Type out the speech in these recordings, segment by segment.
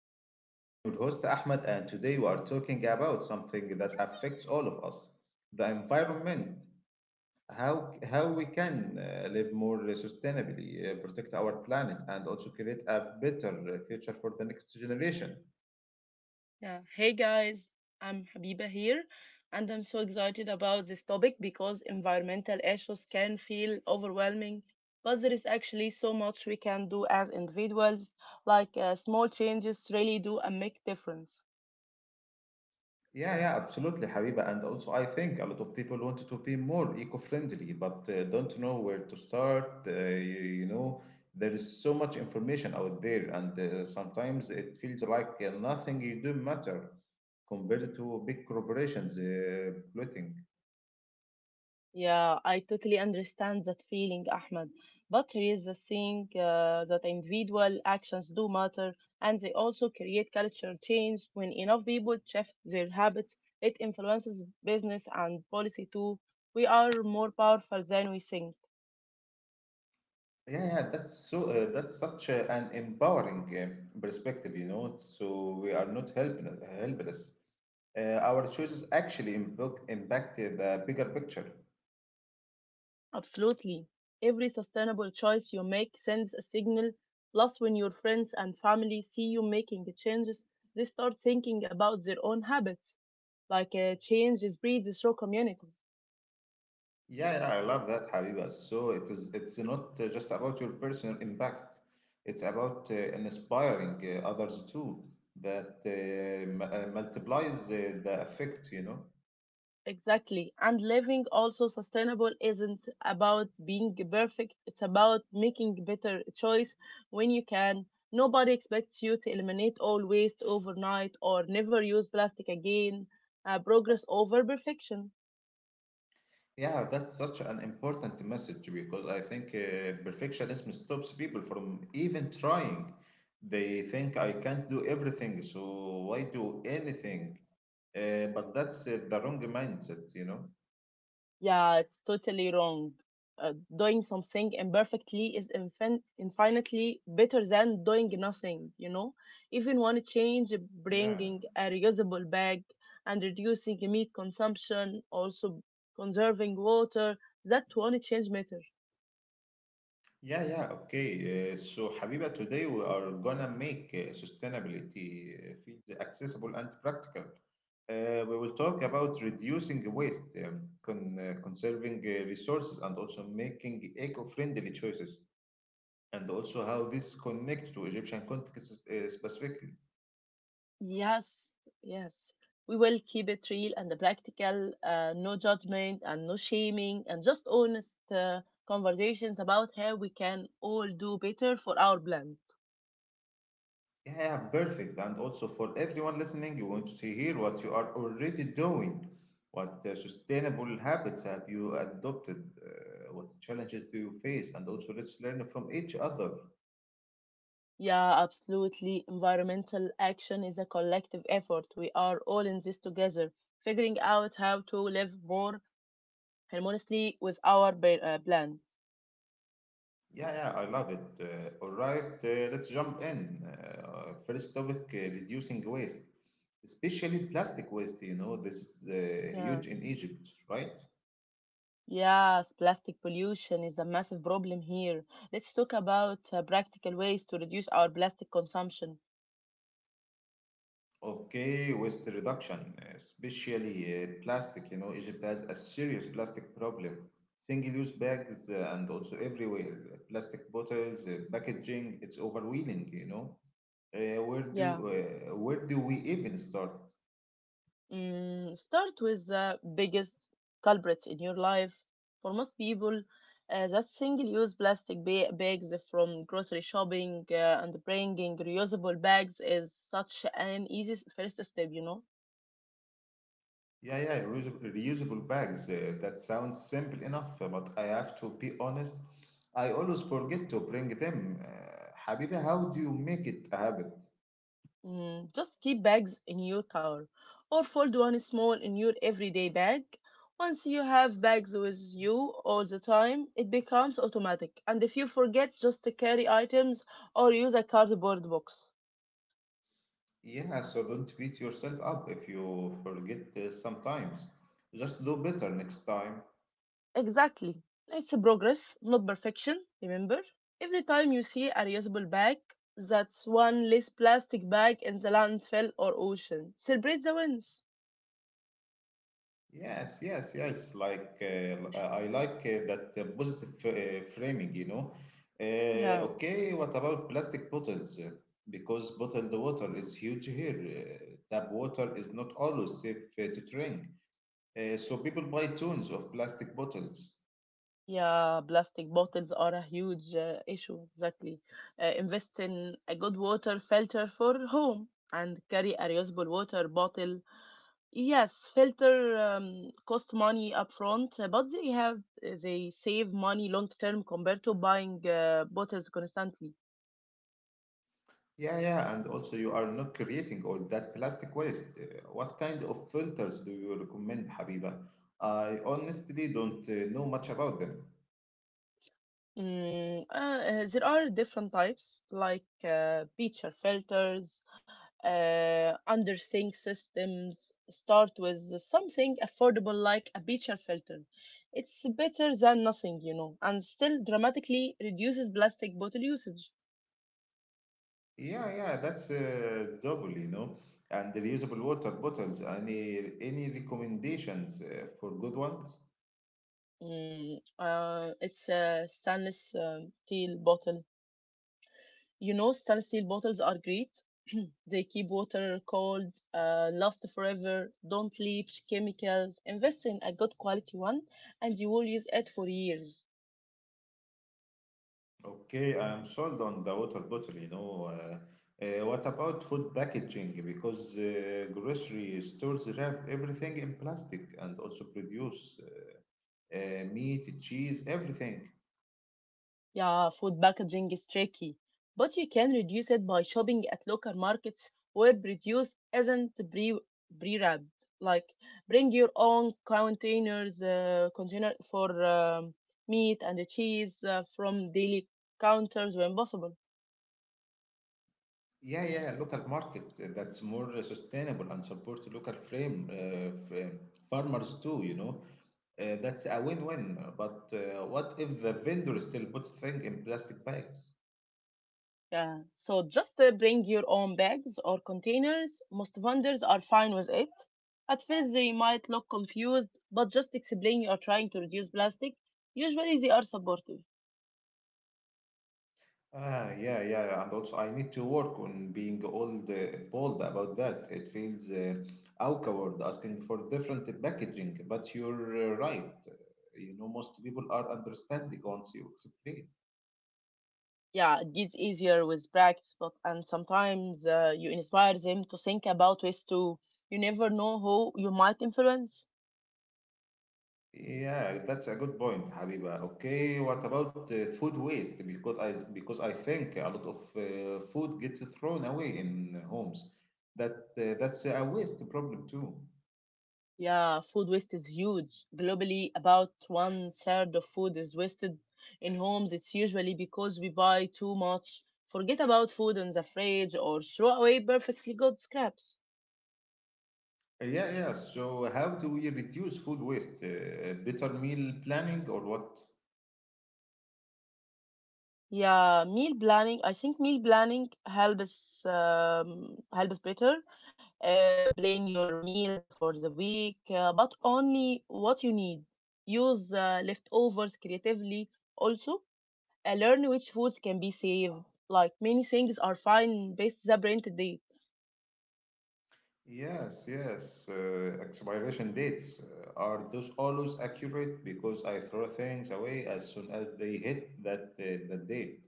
Egypt. I am your host Ahmed, and today we are talking about something that affects all of us, the environment. How we can live more sustainably, protect our planet, and also create a better future for the next generation. Yeah. Hey guys, I'm Habiba here, and I'm so excited about this topic because environmental issues can feel overwhelming, but there is actually so much we can do as individuals, like small changes really do a make difference. Yeah, yeah, absolutely, Habiba. And also, I think a lot of people want to be more eco-friendly, but don't know where to start. You know, there is so much information out there, and sometimes it feels like nothing you do matter compared to big corporations polluting. Yeah, I totally understand that feeling, Ahmed. But here is the thing that individual actions do matter and they also create cultural change. When enough people shift their habits, it influences business and policy too. We are more powerful than we think. Yeah, yeah, that's so. That's such an empowering perspective, you know. So we are not helpless. Our choices actually impact the bigger picture. Absolutely. Every sustainable choice you make sends a signal. Plus, when your friends and family see you making the changes, they start thinking about their own habits. Like change is breeds through communities. Yeah, yeah, I love that, Habiba. So it's not just about your personal impact. It's about inspiring others too, that multiplies the effect, you know. Exactly. And living also sustainable isn't about being perfect, it's about making better choice when you can. Nobody expects you to eliminate all waste overnight or never use plastic again. Progress over perfection. Yeah, that's such an important message because I think perfectionism stops people from even trying. They think I can't do everything, so why do anything? But that's the wrong mindset, you know. Yeah, it's totally wrong. Doing something imperfectly is infinitely better than doing nothing, you know? Even one change, Yeah. bringing a reusable bag and reducing meat consumption, also conserving water, that one change matter. Yeah, yeah, okay. So, Habiba, today we are gonna make sustainability field accessible and practical. We will talk about reducing waste, conserving resources, and also making eco-friendly choices, and also how this connects to Egyptian context specifically. Yes, yes. We will keep it real and practical, no judgment and no shaming, and just honest conversations about how we can all do better for our planet. Yeah, perfect. And also for everyone listening, you want to hear what you are already doing. What sustainable habits have you adopted? What challenges do you face? And also, let's learn from each other. Yeah, absolutely. Environmental action is a collective effort. We are all in this together, figuring out how to live more harmoniously with our planet. Yeah, yeah, I love it. All right, let's jump in. First topic, reducing waste, especially plastic waste. You know, this is huge Yeah. in Egypt, right? Yes, plastic pollution is a massive problem here. Let's talk about practical ways to reduce our plastic consumption. Okay, waste reduction, especially plastic. You know, Egypt has a serious plastic problem. Single-use bags and also everywhere, plastic bottles, packaging, it's overwhelming, you know. Yeah. Where do we even start? Start with the biggest culprits in your life. For most people, that's single-use plastic bags from grocery shopping and bringing reusable bags is such an easy first step, you know. Yeah, yeah, reusable bags. That sounds simple enough, but I have to be honest, I always forget to bring them. Habibi, how do you make it a habit? Just keep bags in your car or fold one small in your everyday bag. Once you have bags with you all the time, it becomes automatic. And if you forget, just to carry items or use a cardboard box. Yeah, so don't beat yourself up if you forget sometimes. Just do better next time. Exactly. It's a progress, not perfection, remember? Every time you see a reusable bag, that's one less plastic bag in the landfill or ocean. Celebrate the wins. Yes, yes, yes. I like that positive framing, you know. Yeah, Okay, what about plastic bottles? Because bottled water is huge here. Tap water is not always safe to drink. So people buy tons of plastic bottles. yeah, plastic bottles are a huge issue, exactly. Invest in a good water filter for home and carry a reusable water bottle. Yes, filter cost money upfront, but they have they save money long term compared to buying bottles constantly. Yeah, yeah, and also you are not creating all that plastic waste. What kind of filters do you recommend, Habiba? I honestly don't know much about them. There are different types like picture filters, under sync systems. Start with something affordable like a picture filter. It's better than nothing, you know, and still dramatically reduces plastic bottle usage. Yeah, yeah, that's double, you know. And the reusable water bottles. Any recommendations for good ones? It's a stainless steel bottle. You know, stainless steel bottles are great. They keep water cold, last forever, don't leach chemicals. Invest in a good quality one and you will use it for years. Okay, I'm sold on the water bottle, you know. What about food packaging? Because grocery stores wrap everything in plastic and also produce, meat, cheese, everything. Yeah, food packaging is tricky, but you can reduce it by shopping at local markets where produce isn't pre wrapped. Like bring your own containers, container for meat and cheese from daily counters when possible. Yeah, yeah, local markets, that's more sustainable and support local farmers too, you know. That's a win-win. But what if the vendor still puts things in plastic bags? Yeah. So just bring your own bags or containers. Most vendors are fine with it. At first, they might look confused, but just explain you are trying to reduce plastic. Usually, they are supportive. Ah, yeah, yeah, and also I need to work on being bold about that. It feels awkward asking for different packaging, but you're right. You know, most people are understanding once you explain. Yeah, it gets easier with practice, but and sometimes you inspire them to think about ways to. You never know who you might influence. Yeah, that's a good point, Habiba. Okay, what about food waste? Because I think a lot of food gets thrown away in homes. That's a waste problem too. Yeah, food waste is huge. Globally, about one third of food is wasted in homes. It's usually because we buy too much, forget about food in the fridge, or throw away perfectly good scraps. Yeah, yeah. So how do we reduce food waste? Better meal planning or what? Yeah, meal planning. I think meal planning helps helps better. Plan your meals for the week, but only what you need. Use leftovers creatively also learn which foods can be safe. Like many things are fine based the brand date. Yes, yes. Expiration dates, are those always accurate because I throw things away as soon as they hit that the date.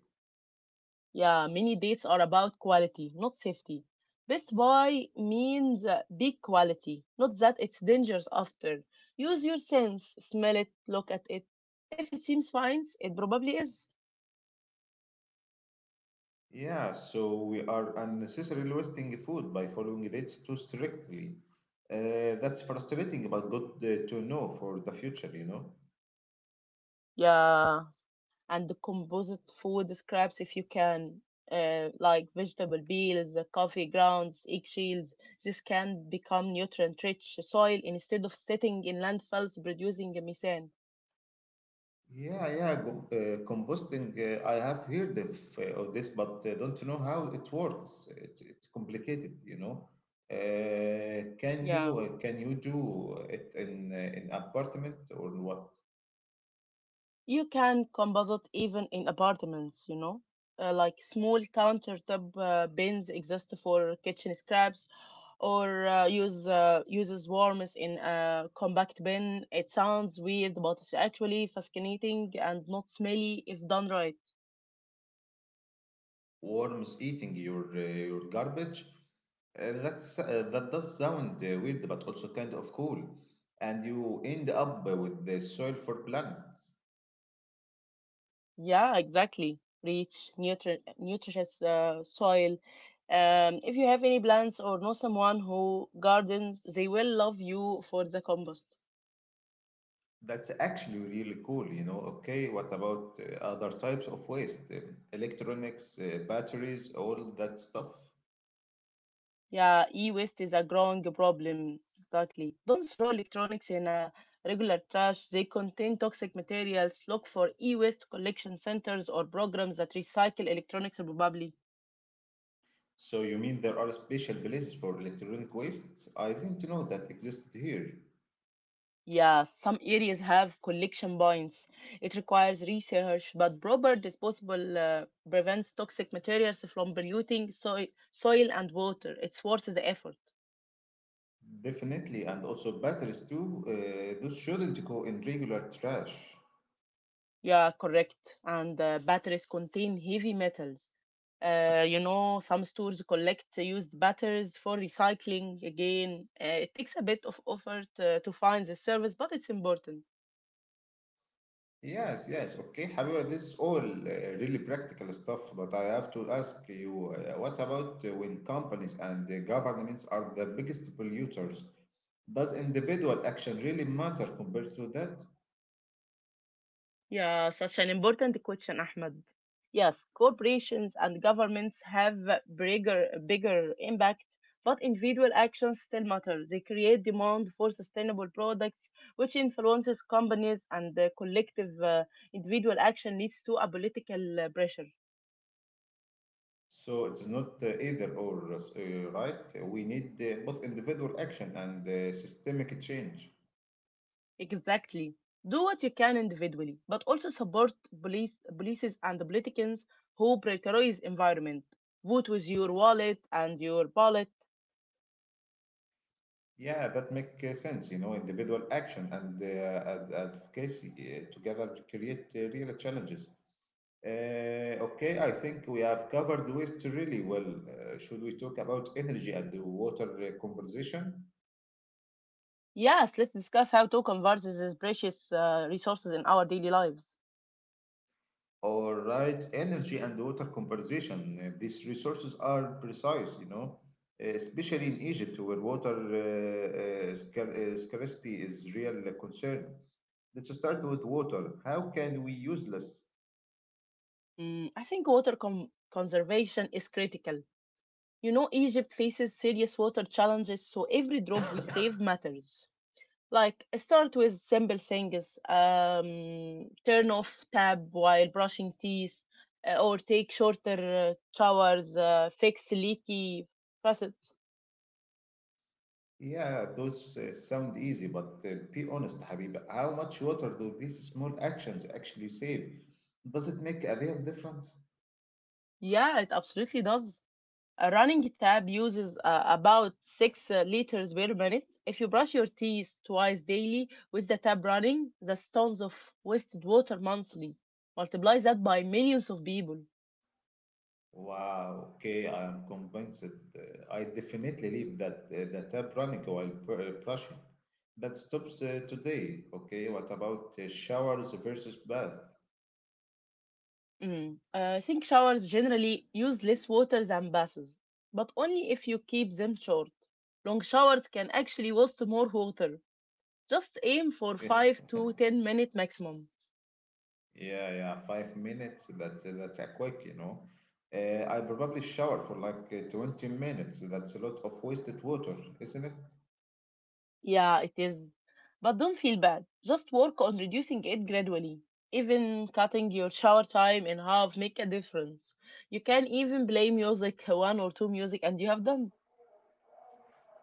Yeah, many dates are about quality, not safety. Best buy means big quality, not that it's dangerous after. Use your sense, smell it, look at it. If it seems fine, it probably is. Yeah, so we are unnecessarily wasting food by following dates too strictly. That's frustrating, but good to know for the future, you know? Yeah, and the composite food scraps if you can, like vegetable peels, coffee grounds, eggshells. This can become nutrient-rich soil instead of sitting in landfills producing methane. Yeah, yeah, go, uh, composting. I have heard of this, but don't know how it works. It's complicated, you know. Yeah, Can you do it in an apartment or what? you can composite even in apartments. You know, like small countertop bins exist for kitchen scraps or uses worms in a compact bin. It sounds weird, but it's actually fascinating and not smelly if done right. Worms eating your garbage. That's that does sound weird, but also kind of cool. And you end up with the soil for plants. Yeah, exactly. Rich, nutritious soil. If you have any plants or know someone who gardens, they will love you for the compost. That's actually really cool, you know. Okay, what about other types of waste? Electronics, batteries, all that stuff. Yeah, e-waste is a growing problem. Exactly. Don't throw electronics in a regular trash. They contain toxic materials. Look for e-waste collection centers or programs that recycle electronics probably. So you mean there are special places for electronic waste? I didn't know that existed here. Yeah, some areas have collection points. It requires research, but proper disposable prevents toxic materials from polluting soil and water. It's worth the effort. Definitely, and also batteries too. Those shouldn't go in regular trash. Yeah, correct. And batteries contain heavy metals. You know, some stores collect used batteries for recycling again. It takes a bit of effort to find the service, but it's important. Yes, yes, okay. However, this is all really practical stuff, but I have to ask you, what about when companies and the governments are the biggest polluters? Does individual action really matter compared to that? Yeah, such an important question, Ahmed. Yes, corporations and governments have bigger impact, but individual actions still matter. They create demand for sustainable products, which influences companies, and the collective individual action leads to a political pressure. So it's not either or, right? We need both individual action and systemic change. Exactly. Do what you can individually, but also support police, policies and the politicians who prioritize environment. Vote with your wallet and your ballot. Yeah, that make sense. You know, individual action and advocacy together create real challenges. Uh, okay, I think we have covered waste really well. Should we talk about energy and the water conversation? Yes, let's discuss how to convert these precious resources in our daily lives. All right, energy and water conversation. These resources are precise, you know, especially in Egypt where water scarcity is real concern. Let's start with water. How can we use less? I think water conservation is critical. You know, Egypt faces serious water challenges, so every drop we save matters. Like, start with simple things turn off tap while brushing teeth, or take shorter showers, fix leaky faucets. Yeah, those sound easy, but be honest, Habib, how much water do these small actions actually save? Does it make a real difference? Yeah, it absolutely does. A running tap uses about 6 liters per minute. If you brush your teeth twice daily with the tap running, the tons of wasted water monthly. Multiply that by millions of people. Wow, okay, I am convinced. I definitely leave that the tap running while brushing. That stops today. Okay, what about showers versus bath? Mm. I think showers generally use less water than baths, but only if you keep them short. Long showers can actually waste more water. Just aim for 5 to 10 minutes maximum. Yeah, yeah, 5 minutes. That's a quick, you know. I probably shower for like 20 minutes. That's a lot of wasted water, isn't it? Yeah, it is. But don't feel bad. Just work on reducing it gradually. Even cutting your shower time in half make a difference. You can even play music, one or two music, and you have done.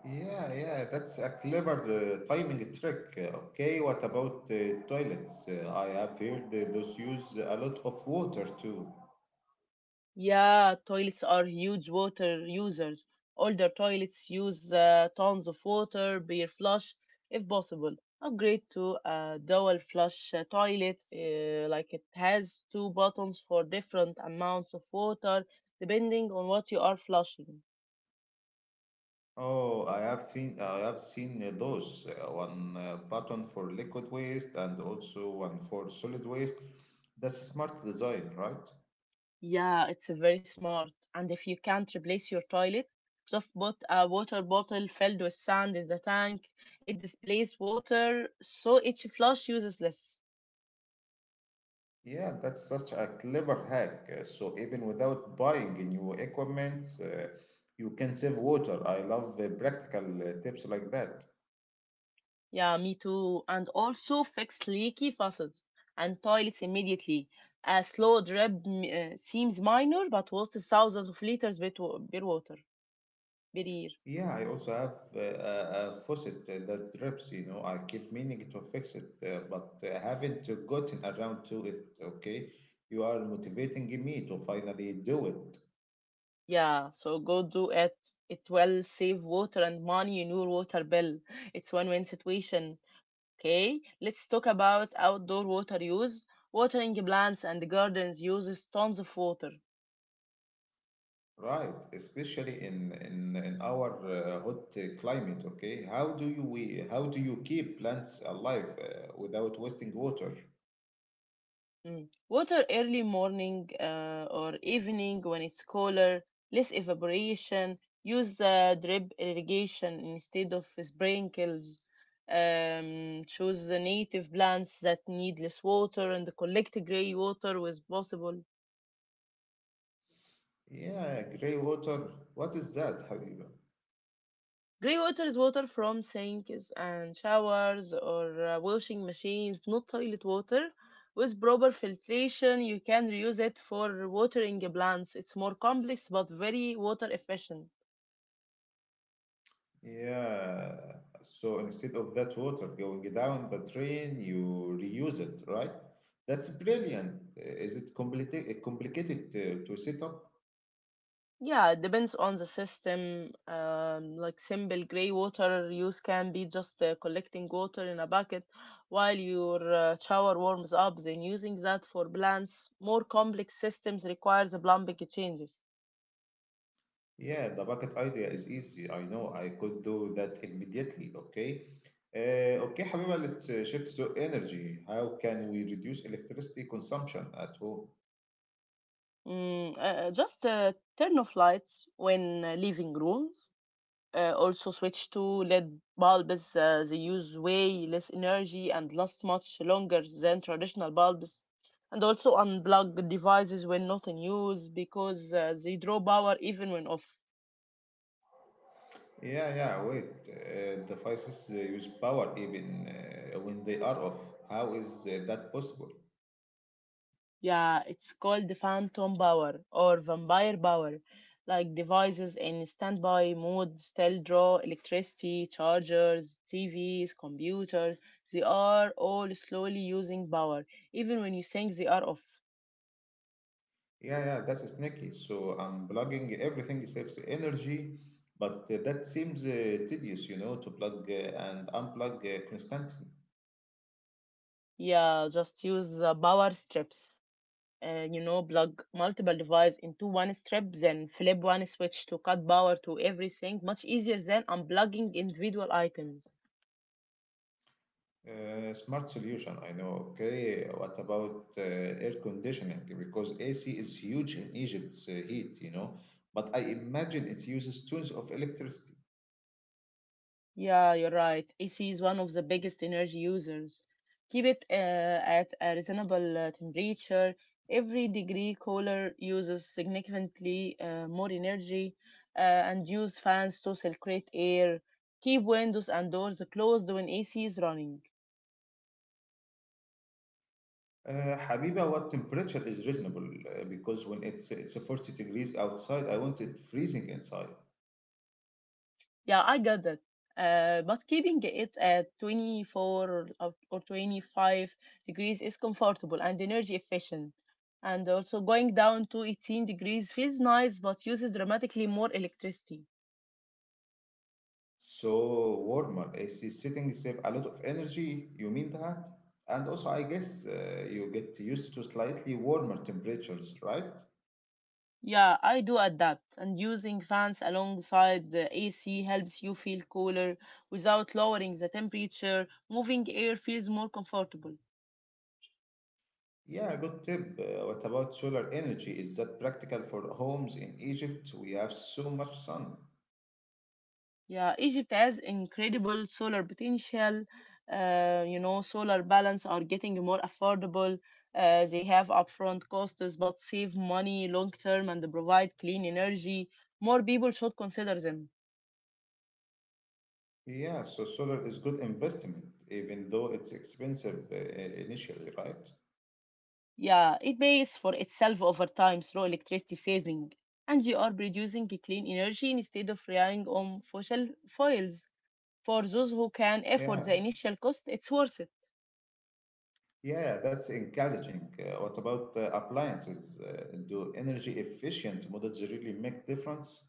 Yeah, yeah, that's a clever timing trick. Okay, what about toilets? I have heard those use a lot of water too. Yeah, toilets are huge water users. Older toilets use tons of water per flush, if possible. Upgrade to a dual flush toilet, like it has two buttons for different amounts of water, depending on what you are flushing. Oh, I have seen those, one button for liquid waste and also one for solid waste. That's smart design, right? Yeah, it's very smart. And if you can't replace your toilet, just put a water bottle filled with sand in the tank. It displays water, so each flush uses less. Yeah, that's such a clever hack. So even without buying new equipment, you can save water. I love practical tips like that. Yeah, me too. And also fix leaky faucets and toilets immediately. A slow drip seems minor, but wastes thousands of liters per water per year. Yeah, I also have a faucet that drips, you know. I keep meaning to fix it, but haven't gotten around to it. Okay, you are motivating me to finally do it. Yeah, so go do it. It will save water and money in your water bill. It's win-win situation. Okay, let's talk about outdoor water use. Watering plants and gardens uses tons of water. Right, especially in our hot climate, okay? How do you keep plants alive without wasting water? Mm. Water early morning or evening when it's cooler, less evaporation. Use the drip irrigation instead of sprinkles. Choose the native plants that need less water and collect gray water as possible. Yeah, gray water. What is that, Habiba? Grey water is water from sinks and showers or washing machines, not toilet water. With proper filtration, you can reuse it for watering plants. It's more complex but very water efficient. Yeah. So instead of that water going down the drain, you reuse it, right? That's brilliant. Is it complicated to set up? Yeah, it depends on the system. Like simple grey water use can be just collecting water in a bucket while your shower warms up, then using that for plants. More complex systems requires plumbing changes. Yeah, the bucket idea is easy. I know I could do that immediately. Okay. Okay, حبيبة, let's shift to energy. How can we reduce electricity consumption at home? Just turn off lights when leaving rooms. Also switch to LED bulbs. They use way less energy and last much longer than traditional bulbs. And also unplug devices when not in use because they draw power even when off. Yeah, yeah, wait. Devices use power even when they are off. How is that possible? Yeah, it's called the Phantom Power or Vampire Power. Like devices in standby mode still draw electricity, chargers, TVs, computers. They are all slowly using power, even when you think they are off. Yeah, yeah, that's sneaky. So unplugging everything saves energy, but that seems tedious, you know, to plug and unplug constantly. Yeah, just use the power strips. You know, plug multiple devices into one strip, then flip one switch to cut power to everything. Much easier than unplugging individual items. Smart solution, I know. Okay, what about air conditioning? Because AC is huge in Egypt's heat, you know. But I imagine it uses tons of electricity. Yeah, you're right. AC is one of the biggest energy users. Keep it at a reasonable temperature. Every degree cooler uses significantly more energy, uh, and use fans to circulate air. Keep windows and doors closed when AC is running. Habiba, what temperature is reasonable? Because when it's 40 degrees outside, I want it freezing inside. Yeah, I get that. But keeping it at 24 or 25 degrees is comfortable and energy efficient. And also going down to 18 degrees feels nice but uses dramatically more electricity. So warmer AC setting save a lot of energy. You mean that? And also, I guess you get used to slightly warmer temperatures, right? Yeah, I do adapt, and using fans alongside the AC helps you feel cooler without lowering the temperature. Moving air feels more comfortable. Yeah, good tip. What about solar energy? Is that practical for homes in Egypt? We have so much sun. Yeah, Egypt has incredible solar potential. You know, solar balance are getting more affordable. They have upfront costs but save money long term and provide clean energy. More people should consider them. Yeah, so solar is good investment, even though it's expensive initially, right? Yeah, it pays for itself over time through electricity saving. And you are producing clean energy instead of relying on fossil fuels. For those who can afford Yeah, the initial cost, it's worth it. yeah, that's encouraging. What about appliances? Do energy efficient models really make difference?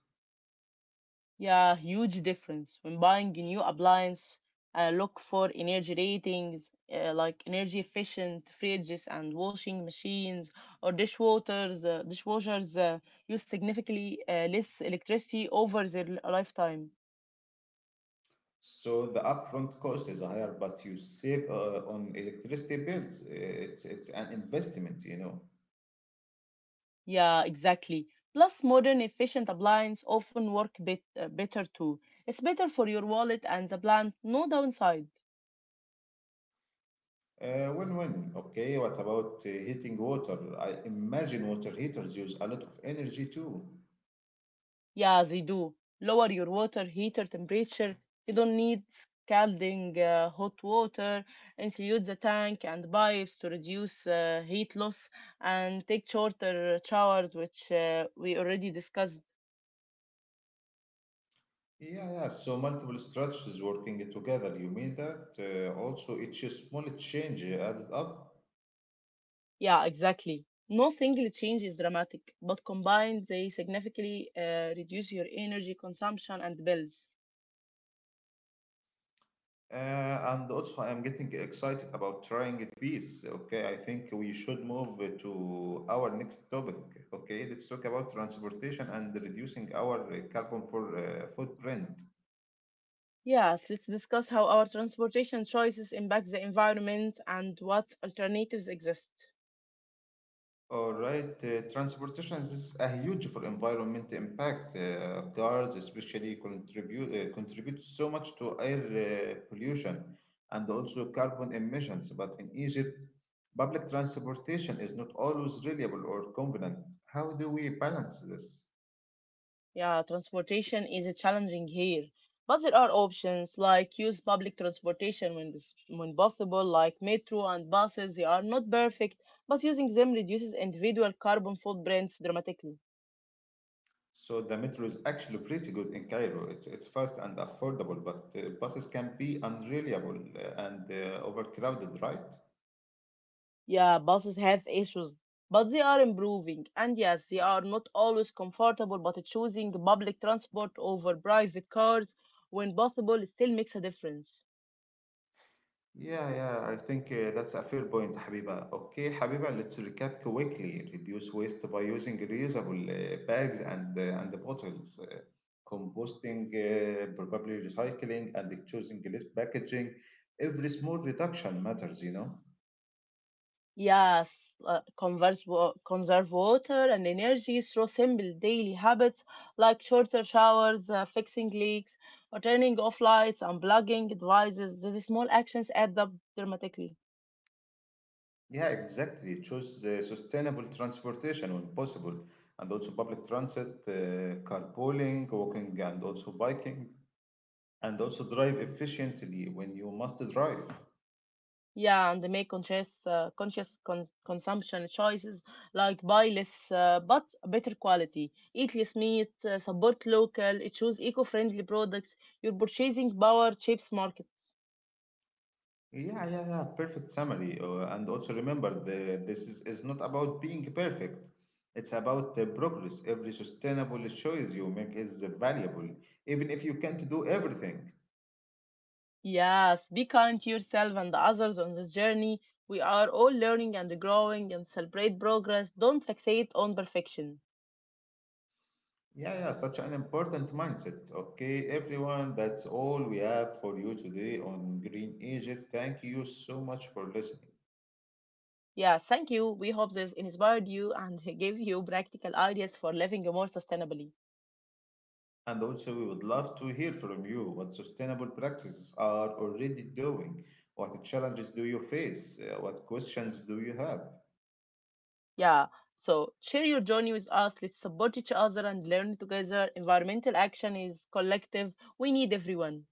Yeah, huge difference. When buying a new appliance, I look for energy ratings like energy efficient fridges and washing machines or dishwaters. Dishwashers use significantly less electricity over their lifetime. So the upfront cost is higher, but you save on electricity bills. It's an investment, you know. Yeah, exactly. Plus, modern efficient appliances often work better too. It's better for your wallet and the plant, no downside. Win-win. Okay, what about heating water? I imagine water heaters use a lot of energy too. Yeah, they do. Lower your water heater temperature. You don't need scalding hot water. Insulate the tank and pipes to reduce heat loss and take shorter showers, which we already discussed. Yeah, yeah. So multiple strategies working together. You mean that? Also, each small change added up. Yeah, exactly. No single change is dramatic, but combined, they significantly reduce your energy consumption and bills. And also, I am getting excited about trying these. Okay, I think we should move to our next topic. Okay, let's talk about transportation and reducing our carbon footprint. Yes, let's discuss how our transportation choices impact the environment and what alternatives exist. All right, transportation is a huge for environment impact. Cars especially contribute so much to air pollution and also carbon emissions. But in Egypt, public transportation is not always reliable or convenient. How do we balance this? Yeah, transportation is a challenging here, but there are options like use public transportation when possible, like metro and buses. They are not perfect, but using them reduces individual carbon footprints dramatically. So the metro is actually pretty good in Cairo. It's fast and affordable, but buses can be unreliable and overcrowded, right? Yeah, buses have issues, but they are improving. And yes, they are not always comfortable, but choosing public transport over private cars when possible still makes a difference. Yeah, yeah, I think that's a fair point, Habiba. Okay, Habiba, let's recap quickly. Reduce waste by using reusable bags and the bottles, composting, probably recycling, and choosing less packaging. Every small reduction matters, you know. Yes, conserve water and energy through simple daily habits like shorter showers, fixing leaks, or turning off lights, unplugging devices. These small actions add up dramatically. Yeah, exactly. Choose sustainable transportation when possible, and also public transit, carpooling, walking, and also biking, and also drive efficiently when you must drive. Yeah, and they make conscious consumption choices like buy less but better quality, eat less meat, support local, choose eco-friendly products. Your purchasing power shapes markets. Yeah, yeah, yeah. Perfect summary. And also remember, this is not about being perfect. It's about progress. Every sustainable choice you make is valuable, even if you can't do everything. Yes, be kind to yourself and the others on this journey. We are all learning and growing and celebrate progress. Don't fixate on perfection. Yeah, yeah. Such an important mindset. Okay, everyone, that's all we have for you today on Green Egypt. Thank you so much for listening. Yeah, thank you. We hope this inspired you and gave you practical ideas for living more sustainably. And also, we would love to hear from you what sustainable practices are already doing. What challenges do you face? What questions do you have? Yeah, so share your journey with us. Let's support each other and learn together. Environmental action is collective. We need everyone.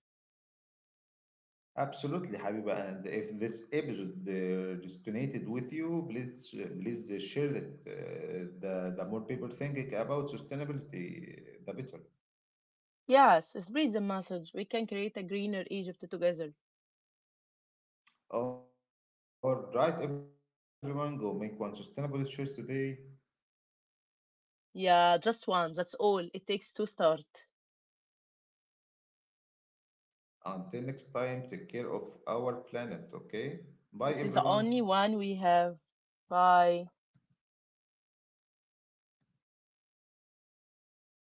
Absolutely, Habiba. And if this episode resonated with you, please share it. The the more people thinking about sustainability, the better. Yes, spread the message. We can create a greener Egypt together. All right, everyone, go make one sustainable choice today. Yeah, just one. That's all. It takes to start. Until next time, take care of our planet. Okay, bye, It is the everyone. only one we have. Bye.